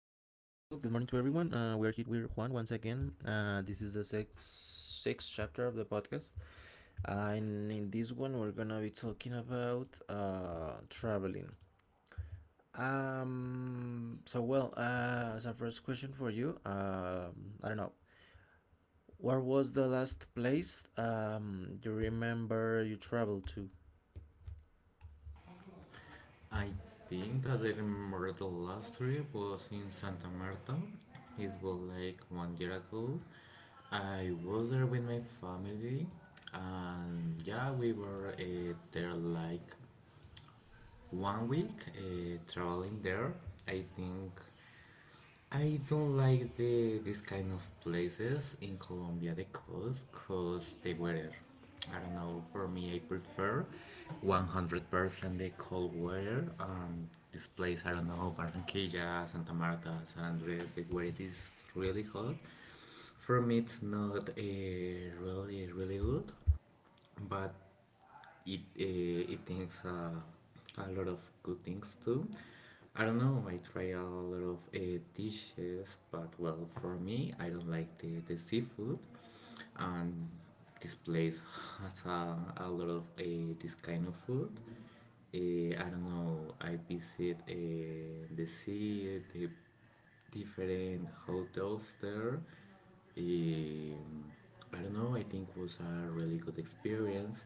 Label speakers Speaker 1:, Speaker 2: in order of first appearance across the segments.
Speaker 1: everyone. We are here with Juan once again. This is the sixth chapter of the podcast, and in this one, we're gonna be talking about traveling. So well, as a first question for you, I don't know, where was the last place you remember you traveled to?
Speaker 2: I think that I remember the last trip was in Santa Marta. It was like one year ago. I was there with my family, and yeah, we were there like one week traveling there. I think I don't like the this kind of places in Colombia, the coast, cause the weather. I don't know. For me, I prefer 100% the cold weather. This place, I don't know, Barranquilla, Santa Marta, San Andres, the weather is really hot. For me, it's not really, really good, but it it thinks a lot of good things too. I don't know. I try a lot of dishes, but well, for me, I don't like the seafood, and this place has a lot of this kind of food. I don't know. I visit the sea, the different hotels there. Um, I don't know, I think was a really good experience.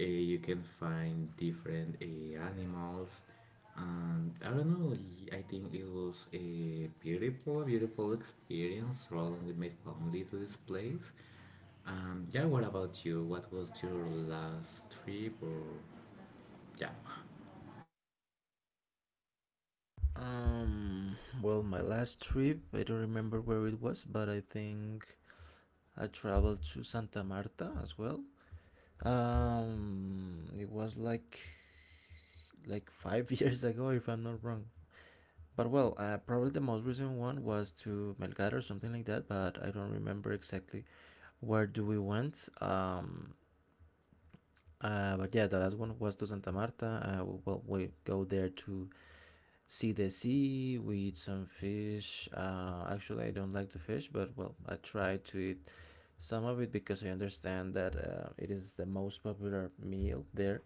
Speaker 2: You can find different animals, and I don't know, I think it was a beautiful, beautiful experience traveling with my family to this place. Yeah, what about you? What was your last trip or yeah?
Speaker 1: Um, well, my last trip, I don't remember where it was, but I think I traveled to Santa Marta as well. It was like five years ago, if I'm not wrong. But well, probably the most recent one was to Melgar or something like that, but I don't remember exactly where do we went. But yeah, the last one was to Santa Marta. Well, we go there to see the sea. We eat some fish. Actually, I don't like the fish, but well, I try to eat some of it because I understand that it is the most popular meal there.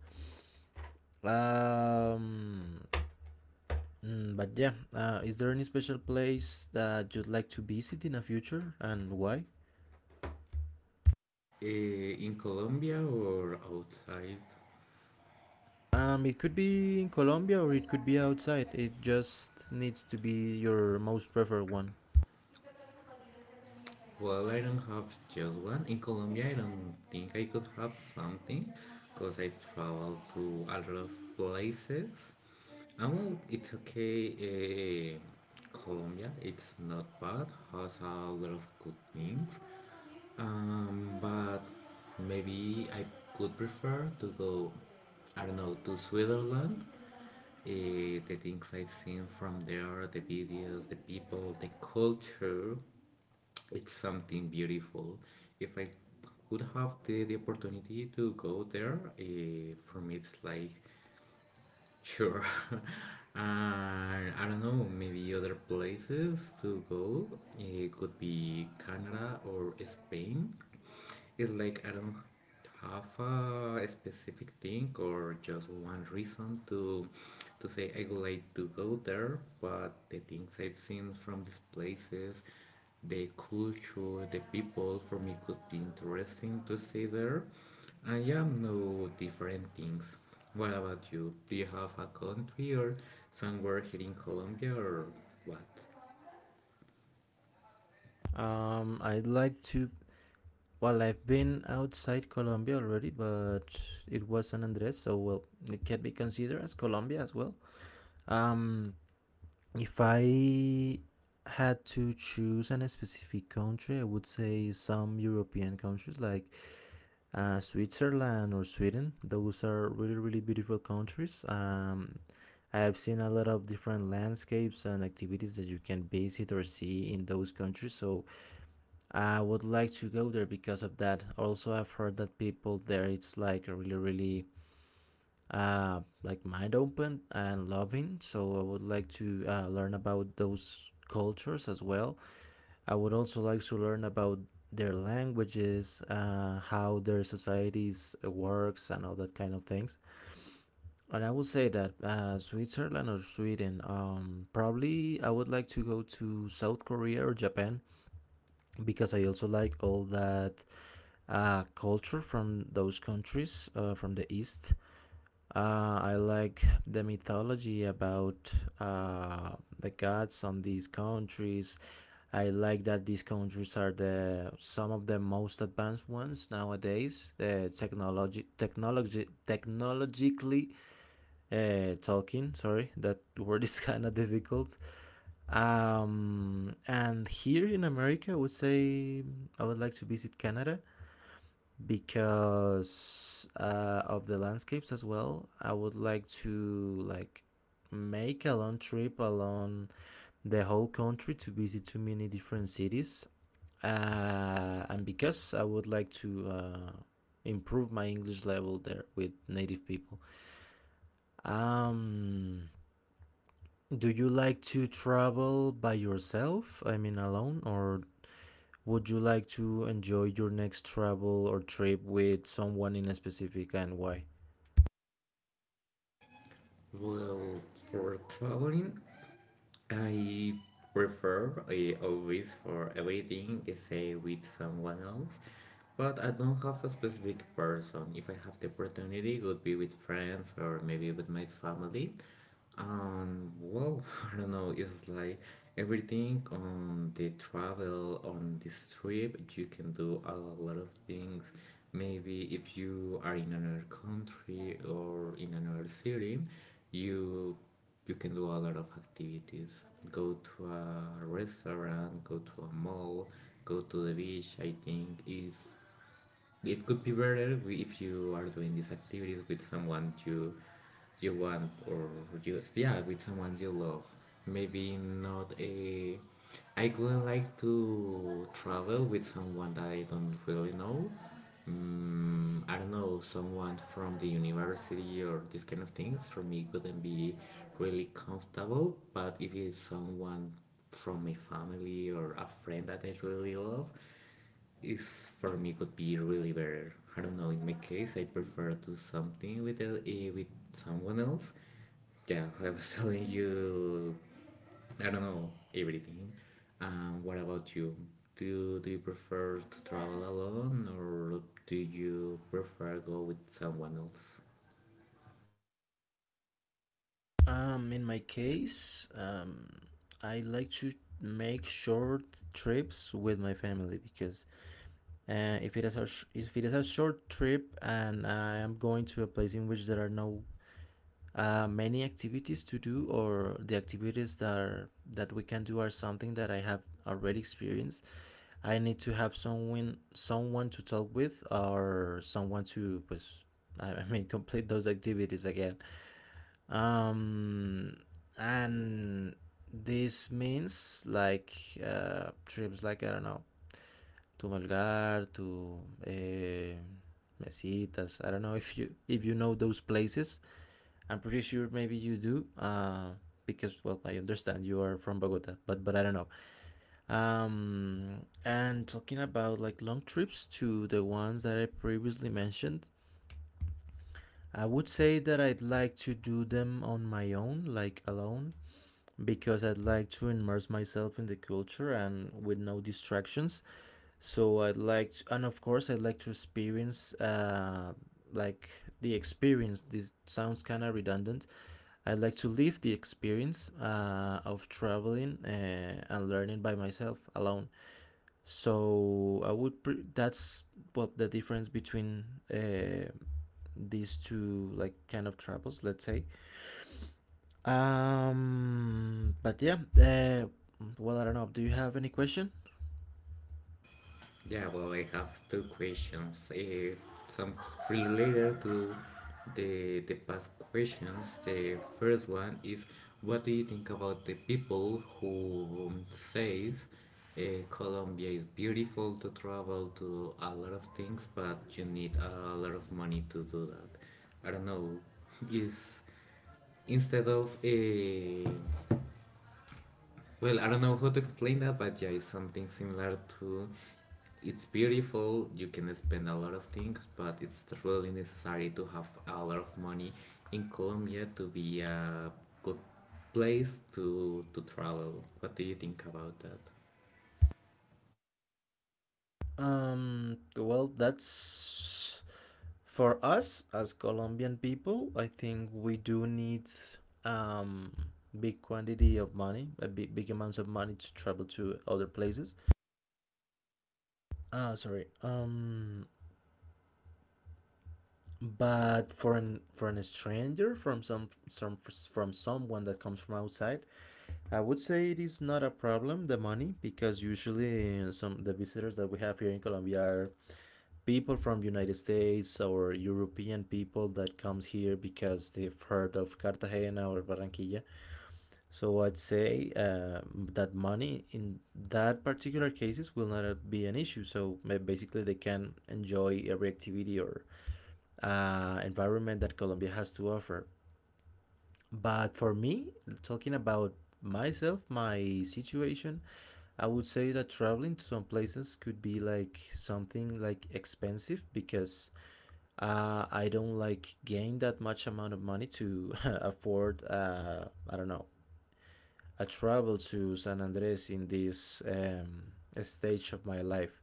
Speaker 1: Um, but yeah, is there any special place that you'd like to visit in the future and why?
Speaker 2: In Colombia or outside?
Speaker 1: It could be in Colombia or it could be outside. It just needs to be your most preferred one.
Speaker 2: Well, I don't have just one. In Colombia, I don't think I could have something because I travel to a lot of places. And well, it's okay. Colombia, it's not bad, has a lot of good things. But maybe I could prefer to go, I don't know, to Switzerland. The things I've seen from there, the videos, the people, the culture, it's something beautiful. If I would have the opportunity to go there, for me it's like sure. And I don't know, maybe other places to go. It could be Canada or Spain. It's like I don't have a specific thing or just one reason to say I would like to go there, but the things I've seen from these places, the culture, the people for me could be interesting to see there. I am no different things. What about you? Do you have a country or somewhere here in Colombia or what?
Speaker 1: I'd like to. Well, I've been outside Colombia already, but it was San Andres, so well, it can be considered as Colombia as well. Um, If I had to choose an specific country, I would say some European countries like Switzerland or Sweden. Those are really, really beautiful countries. I've seen a lot of different landscapes and activities that you can visit or see in those countries. So I would like to go there because of that. Also, I've heard that people there it's like really, really like mind open and loving. So I would like to learn about those cultures as well. I would also like to learn about their languages, how their societies works, and all that kind of things. And I would say that Switzerland or Sweden, probably I would like to go to South Korea or Japan because I also like all that culture from those countries from the East. I like the mythology about uh, the gods on these countries. I like that these countries are the some of the most advanced ones nowadays. Technologically, talking. Sorry, that word is kind of difficult. And here in America, I would say I would like to visit Canada because of the landscapes as well. I would like to like make a long trip along the whole country to visit too many different cities. And because I would like to improve my English level there with native people. Um, do you like to travel by yourself? I mean, alone, or would you like to enjoy your next travel or trip with someone in a specific and why?
Speaker 2: Well, for traveling, I prefer always for everything, say with someone else, but I don't have a specific person. If I have the opportunity, it would be with friends or maybe with my family. Well, I don't know. It's like everything on the travel on this trip, you can do a lot of things. Maybe if you are in another country or in another city, you you can do a lot of activities, go to a restaurant, go to a mall, go to the beach. I think is it could be better if you are doing these activities with someone you want, or just, yeah, with someone you love. Maybe not a, I couldn't like to travel with someone that I don't really know. Mm, I don't know, someone from the university or these kind of things for me couldn't be really comfortable. But if it's someone from my family or a friend that I really love, is for me could be really better. I don't know. In my case, I prefer to do something with someone else. Yeah, I was telling you. I don't know everything. What about you? Do you prefer to travel alone or do you prefer go with someone else?
Speaker 1: In my case, I like to make short trips with my family because if it is a sh- if it is a short trip and I am going to a place in which there are no many activities to do or the activities that are that we can do are something that I have already experienced. I need to have someone to talk with or someone to pues, I I mean complete those activities again, um and this means like trips like, I don't know, to Malgar, to uh, Mesitas. I don't know if you know those places. I'm pretty sure maybe you do. Because well, I understand you are from Bogota, but I don't know. um and talking about like long trips to the ones that I previously mentioned, I would say that I'd like to do them on my own, like alone, because I'd like to immerse myself in the culture and with no distractions. So I'd like, to, and of course, I'd like to experience like the experience. This sounds kind of redundant. I'd like to live the experience of traveling and learning by myself alone. So I would. That's what the difference between uh, these two, like, kind of travels. Let's say. But yeah, well, I don't know. Do you have any question?
Speaker 2: Yeah, well, I have two questions. Some related to the past questions. The first one is, what do you think about the people who says uh, Colombia is beautiful to travel to a lot of things, but you need a lot of money to do that? I don't know. Is instead of well, I don't know how to explain that, but yeah, it's something similar to it's beautiful, you can spend a lot of things, but it's really necessary to have a lot of money in Colombia to be a good place to travel. What do you think about that?
Speaker 1: Well, that's for us as Colombian people. I think we do need um big quantity of money, a big amounts of money to travel to other places. Ah, sorry. But for an stranger from some from someone that comes from outside, I would say it is not a problem, the money, because usually some the visitors that we have here in Colombia are people from United States or European people that comes here because they've heard of Cartagena or Barranquilla. So I'd say that money in that particular cases will not be an issue. So basically they can enjoy every activity or environment that Colombia has to offer. But for me, talking about myself, my situation, I would say that traveling to some places could be like something like expensive because I don't like gain that much amount of money to afford I don't know a travel to San Andres in this stage of my life.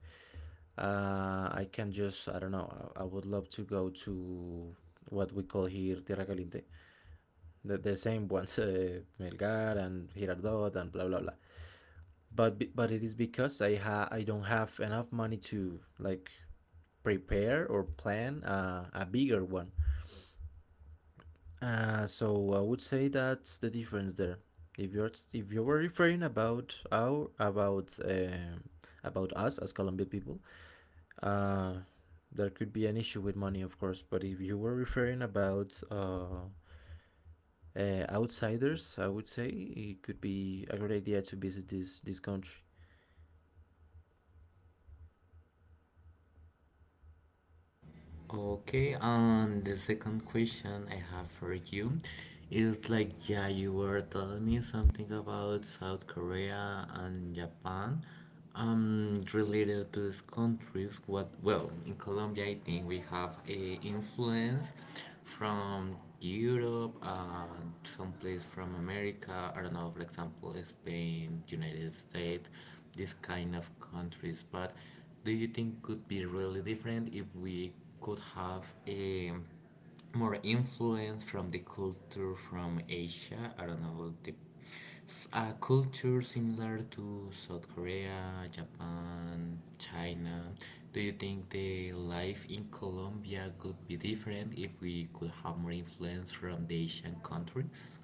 Speaker 1: I can just I don't know I would love to go to what we call here Tierra Caliente, the same ones, Melgar and Girardot and blah blah blah. But it is because I don't have enough money to like prepare or plan a bigger one. So I would say that's the difference there. If you were referring about our about us as Colombian people, uh, there could be an issue with money, of course. But if you were referring about outsiders, I would say it could be a great idea to visit this country.
Speaker 2: Okay, and the second question I have for you is like, yeah, you were telling me something about South Korea and Japan. Related to these countries, what, well, in Colombia, I think we have a influence from Europe and someplace from America. I don't know, for example, Spain, United States, these kind of countries. But do you think could be really different if we could have a more influence from the culture from Asia? I don't know, the a culture similar to South Korea, Japan, China. Do you think the life in Colombia could be different if we could have more influence from the Asian countries?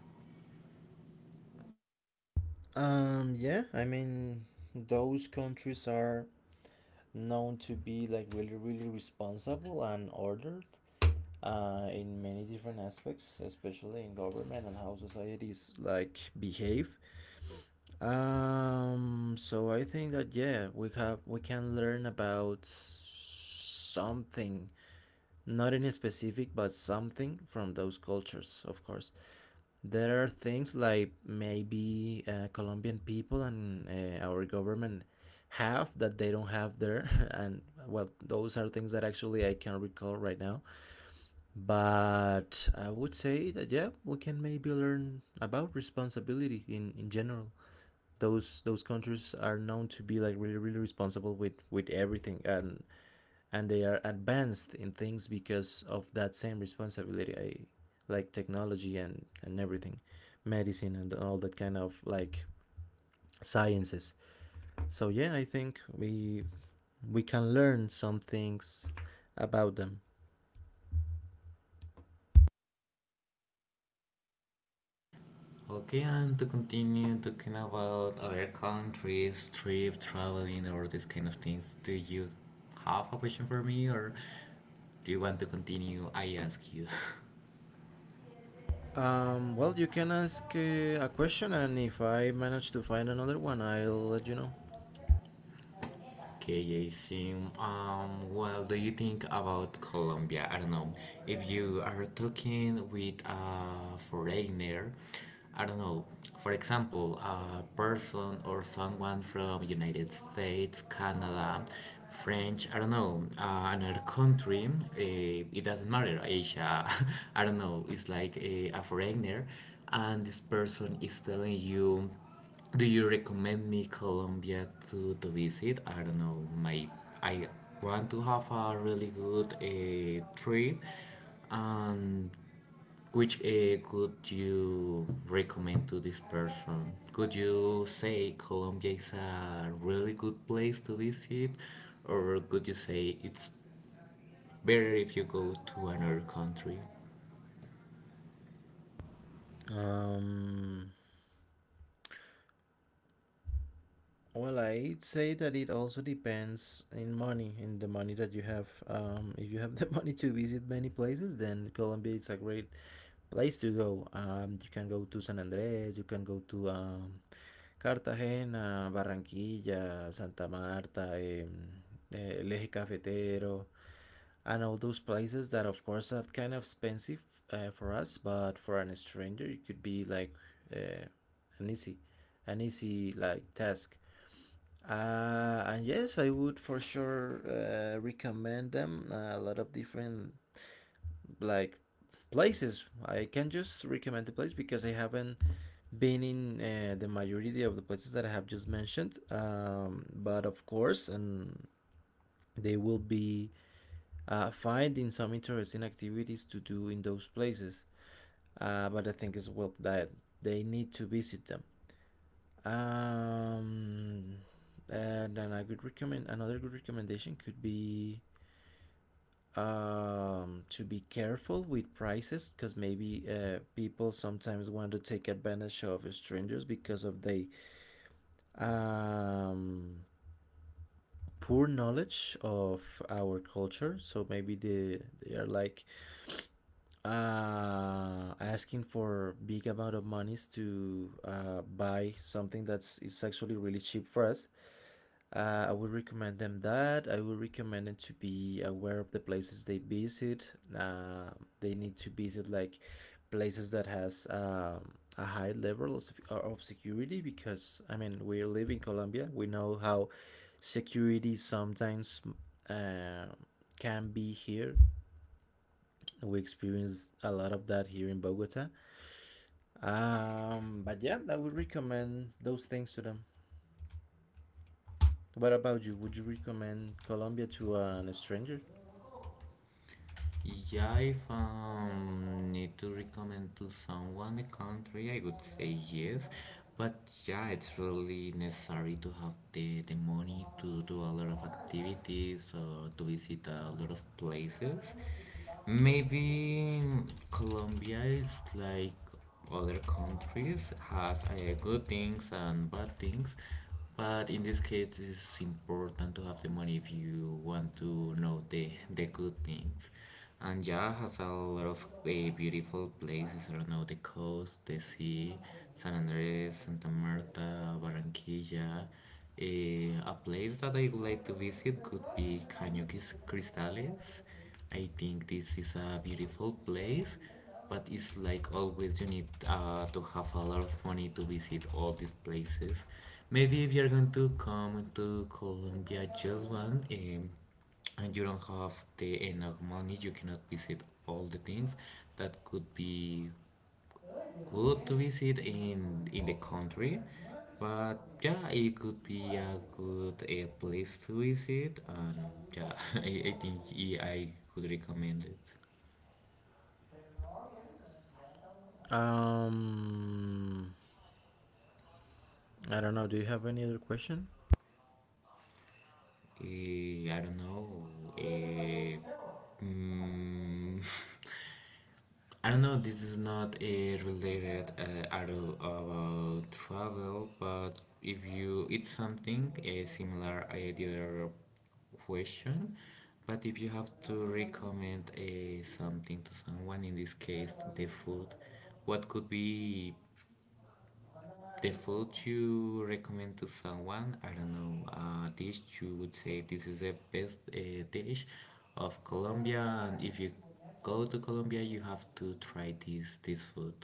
Speaker 1: Yeah, I mean, those countries are known to be like really, really responsible and ordered in many different aspects, especially in government and how societies like behave. So I think that yeah, we can learn about something, not in specific, but something from those cultures, of course. There are things like maybe Colombian people and our government have that they don't have there. And well, those are things that actually I can recall right now. But I would say that yeah, we can maybe learn about responsibility in general. Those countries are known to be like really really responsible with everything, and they are advanced in things because of that same responsibility I, like technology and everything, medicine and all that kind of like sciences. So yeah, I think we can learn some things about them.
Speaker 2: Okay, and to continue talking about other countries, trip, traveling, or these kind of things, do you have a question for me, or do you want to continue? I ask you.
Speaker 1: Well, you can ask a question, and if I manage to find another one, I'll let you know.
Speaker 2: Okay, Jason. Well, do you think about Colombia? I don't know. If you are talking with a foreigner, I don't know. For example, a person or someone from United States, Canada, French, I don't know, another country, it doesn't matter, Asia, I don't know, it's like a foreigner, and this person is telling you, do you recommend me Colombia to visit? I don't know. My I want to have a really good trip. And which could you recommend to this person? Could you say Colombia is a really good place to visit, or could you say it's better if you go to another country?
Speaker 1: um Well, I'd say that it also depends in money, in the money that you have. If you have the money to visit many places, then Colombia is a great place to go. You can go to San Andres, you can go to Cartagena, Barranquilla, Santa Marta, El Eje Cafetero, and all those places that, of course, are kind of expensive for us, but for an stranger, it could be like uh, an easy, an easy like task, and yes, I would for sure recommend them. A lot of different like places. I can just recommend the place because I haven't been in the majority of the places that I have just mentioned. But of course, and they will be finding some interesting activities to do in those places. But I think as well that they need to visit them. Um, and then a good recommend another good recommendation could be to be careful with prices because maybe people sometimes want to take advantage of strangers because of the um, poor knowledge of our culture, so maybe they are like asking for big amount of monies to buy something that's is actually really cheap for us. I would recommend them that. I would recommend them to be aware of the places they visit. They need to visit like places that has a high level of security because I mean we live in Colombia. We know how security sometimes uh, can be here. We experience a lot of that here in Bogota. But yeah, I would recommend those things to them. What about you? Would you recommend Colombia to an stranger?
Speaker 2: Yeah, if need to recommend to someone a country, I would say yes. But yeah, it's really necessary to have the money to do a lot of activities or to visit a lot of places. Maybe Colombia is like other countries, has good things and bad things, but in this case it's important to have the money if you want to know the good things. And yeah, has a lot of beautiful places, I don't know, the coast, the sea, San Andres, Santa Marta, Barranquilla. A place that I would like to visit could be Caño Cristales. I think this is a beautiful place, but it's like always you need to have a lot of money to visit all these places. Maybe if you're going to come to Colombia just one and you don't have the enough money, you cannot visit all the things. That could be good to visit in the country, but yeah, it could be a good place to visit, and yeah, I think I could recommend it.
Speaker 1: Um, I don't know. Do you have any other question?
Speaker 2: I don't know. eh, mm, I don't know, this is not a related article about travel, but if you, it's something similar, the other question. But if you have to recommend something to someone, in this case, the food, what could be the food you recommend to someone, I don't know, a dish you would say this is the best dish of Colombia, and if you go to Colombia, you have to try this food.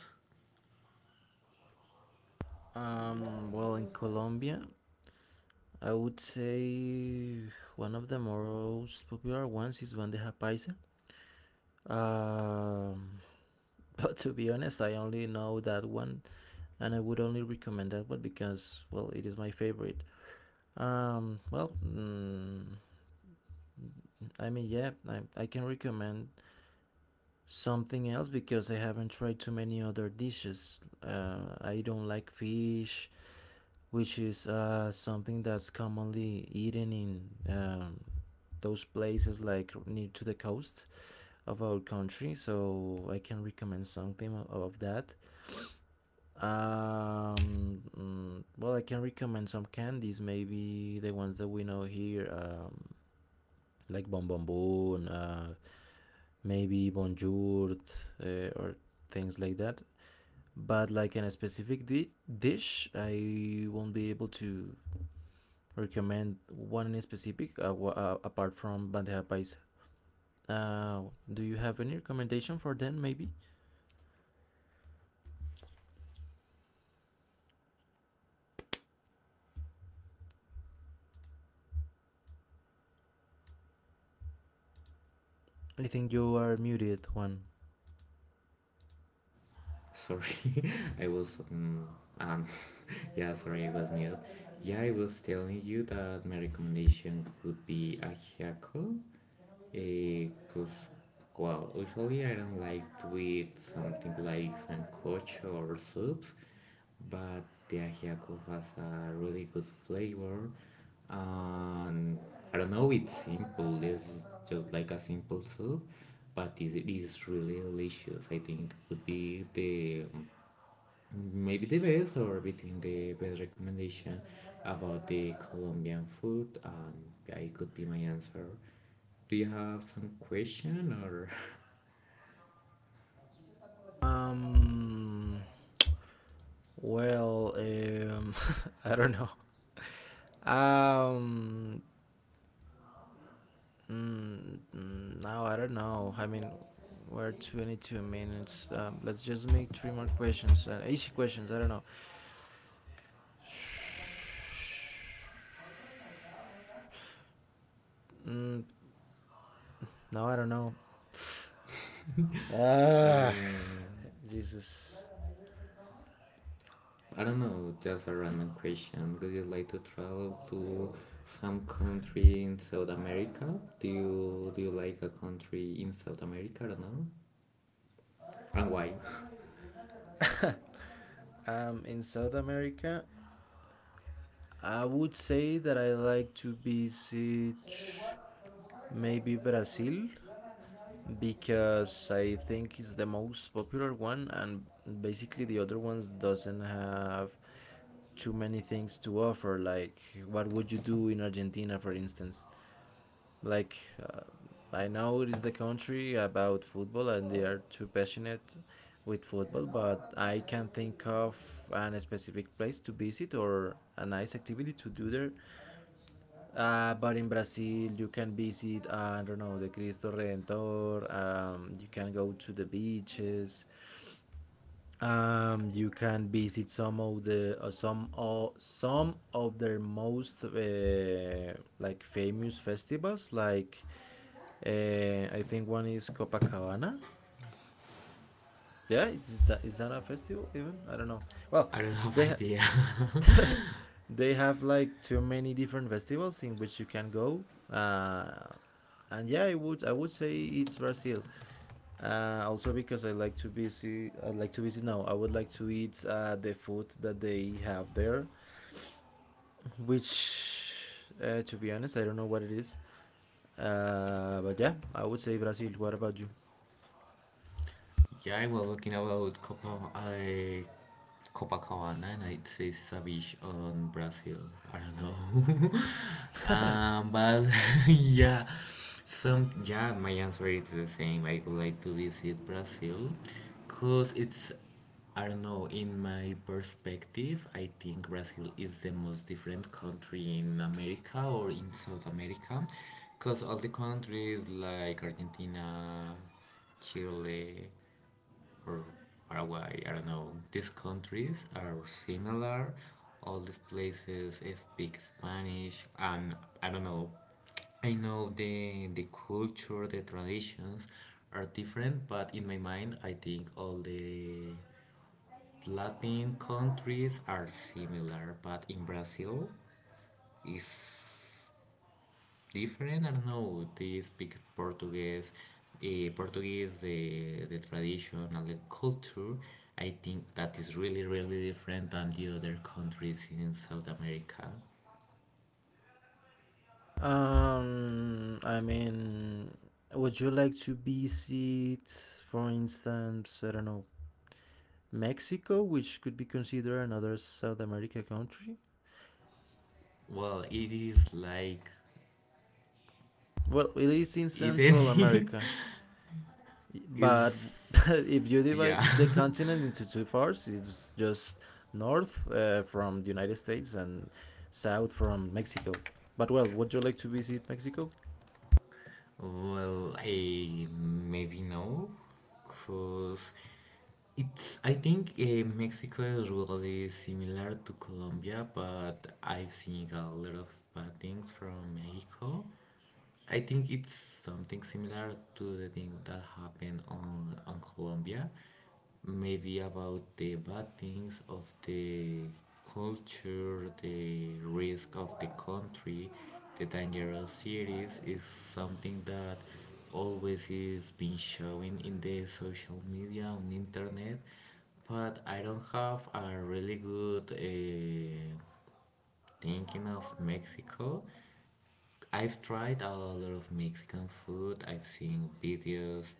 Speaker 1: In Colombia, I would say one of the most popular ones is bandeja paisa. Um, but to be honest, I only know that one, and I would only recommend that one because, well, it is my favorite. Um, well, mm, I mean, yeah, I can recommend something else because I haven't tried too many other dishes. I don't like fish, which is something that's commonly eaten in um, those places like near to the coast of our country. So I can recommend something of that. I can recommend some candies, maybe the ones that we know here, like Bon Bon Bon, maybe Bonjour, or things like that. But like in a dish, I won't be able to recommend one in specific apart from bandeja paisa. Do you have any recommendation for them? Maybe I think you are muted. One.
Speaker 2: Sorry, I was um yeah, sorry, I was mute. Yeah, I was telling you that my recommendation would be ajiaco, because well, usually I don't like to eat something like sancocho or soups, but the ajiaco has a really good flavor. And I don't know, it's simple. It's just like a simple soup, but it is really delicious. I think would be the maybe the best or between the best recommendation about the Colombian food. And yeah, it could be my answer. Do you have some question or?
Speaker 1: Um. Well. Um. I don't know. Um. No, I don't know. I mean, we're 22 minutes. Let's just make three more questions. And easy questions. I don't know. Mm, no, I don't know.
Speaker 2: Uh,
Speaker 1: Ah. Jesus.
Speaker 2: I don't know, just a random question. Do you like to travel to some country in South America? Do you like a country in South America? I don't know. And why?
Speaker 1: In South America, I would say that I like to visit maybe Brazil because I think it's the most popular one, and basically the other ones doesn't have too many things to offer. Like, what would you do in Argentina, for instance? Like uh, I know it is a country about football and they are too passionate with football, but I can think of an specific place to visit or a nice activity to do there. But in Brazil, you can visit, I don't know, the Cristo Redentor, you can go to the beaches. You can visit some of their most like famous festivals like I think one is Copacabana. Yeah, is that a festival even? I don't know. Well,
Speaker 2: I don't have
Speaker 1: they
Speaker 2: idea.
Speaker 1: ha- they have like too many different festivals in which you can go. Uh, and yeah, I would say it's Brazil. Also because I like to visit. I like to visit. No, I would like to eat the food that they have there, which to be honest, I don't know what it is. But yeah, I would say Brazil. What about you?
Speaker 2: Yeah, I was looking about Copacabana and I'd say Savage on Brazil. I don't know. But yeah, some yeah, my answer is the same. I would like to visit Brazil because it's, I don't know, in my perspective, I think Brazil is the most different country in America or in South America because all the countries like Argentina, Chile, or Paraguay. I don't know. These countries are similar. All these places speak Spanish, and I don't know. I know the culture, the traditions are different, but in my mind, I think all the Latin countries are similar. But in Brazil, is different. I don't know. They speak Portuguese, the tradition and the culture. I think that is really, really different than the other countries in South America.
Speaker 1: I mean, would you like to visit, for instance, I don't know, Mexico, which could be considered another South America country?
Speaker 2: Well, it is like,
Speaker 1: Well, it is in Central
Speaker 2: isn't it?
Speaker 1: America, but if you
Speaker 2: Is any is yeah.
Speaker 1: divide the continent into two parts, it's just north from the United States and south from Mexico. But well, would you like to visit Mexico?
Speaker 2: Well, I maybe no, cause it's. I think Mexico is really similar to Colombia, but I've seen a lot of bad things from Mexico. I think it's something similar to the thing that happened on Colombia, maybe about the bad things of the culture, the risk of the country, the dangerous cities is something that always is being showing in the social media on internet, but I don't have a really good thinking of Mexico. I've tried a lot of Mexican food. I've seen videos.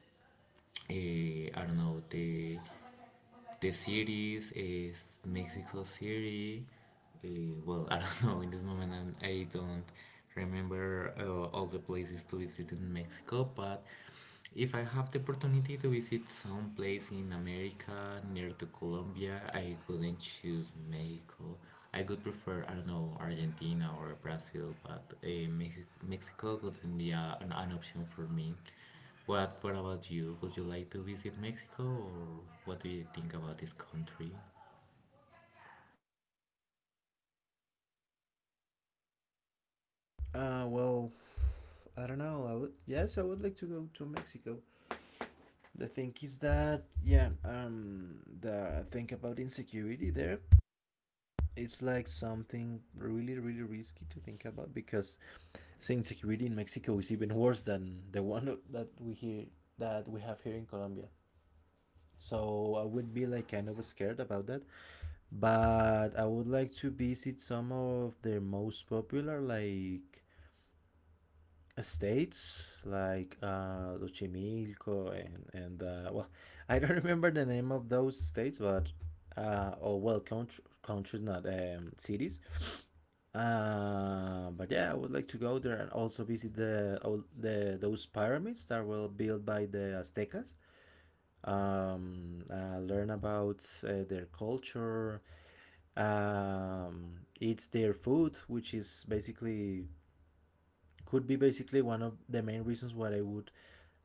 Speaker 2: I don't know the cities is Mexico City. Well, I don't know. In this moment, I don't remember all the places to visit in Mexico. But if I have the opportunity to visit some place in America near to Colombia, I could not choose Mexico. I would prefer, I don't know, Argentina or Brazil, but Mexico wouldn't be an option for me. What about you? Would you like to visit Mexico or what do you think about this country?
Speaker 1: Uh, well, I don't know. I would like to go to Mexico. The thing is that yeah, the thing about insecurity there, it's like something really really risky to think about because the insecurity in Mexico is even worse than the one that we hear that we have here in Colombia. So I would be like kind of scared about that, but I would like to visit some of their most popular like states like Xochimilco and I don't remember the name of those states, but or well, country, countries, not cities. But yeah, I would like to go there and also visit the all the those pyramids that were built by the Aztecas. Learn about their culture, eat their food, which is basically could be basically one of the main reasons why I would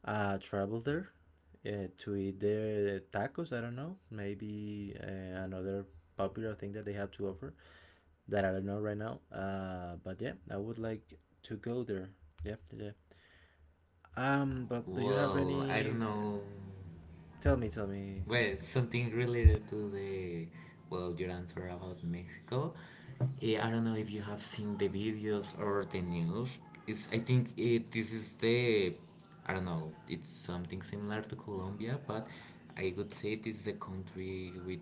Speaker 1: travel there to eat their tacos. I don't know. Maybe another popular thing that they have to offer that I don't know right now. But yeah, I would like to go there. Yeah, yeah, yeah. But do you have
Speaker 2: Well, I don't
Speaker 1: any?
Speaker 2: know.
Speaker 1: Tell me
Speaker 2: Well, something related to the well, your answer about Mexico. I don't know if you have seen the videos or the news. It's I think it, this is the I don't know. It's something similar to Colombia, but I would say it is the country with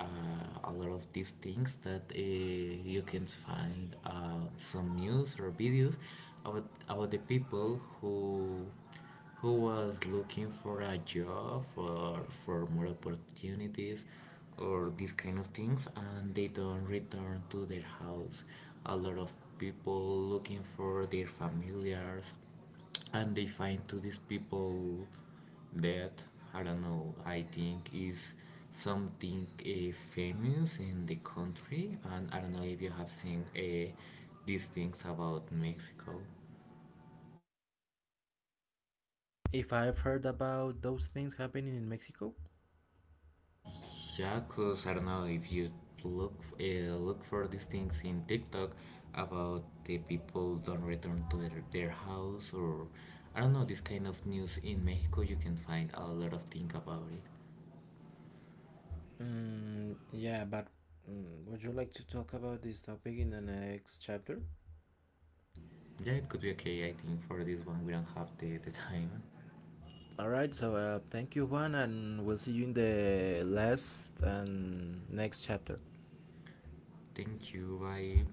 Speaker 2: a lot of these things that you can find some news or videos about the people who was looking for a job or for more opportunities or these kind of things and they don't return to their house a lot of people looking for their familiars and they find to these people that I don't know. I think is something famous in the country, and I don't know if you have seen these things about Mexico.
Speaker 1: if I've heard about those things happening in Mexico.
Speaker 2: Yeah, cause I don't know if you look for these things in TikTok about the people don't return to their house or I don't know this kind of news in Mexico. You can find a lot of things about it.
Speaker 1: Yeah, but would you like to talk about this topic in the next chapter?
Speaker 2: Yeah, it could be okay. I think for this one we don't have the time.
Speaker 1: All right, so thank you, Juan, and we'll see you in the last and next chapter.
Speaker 2: Thank you. Bye.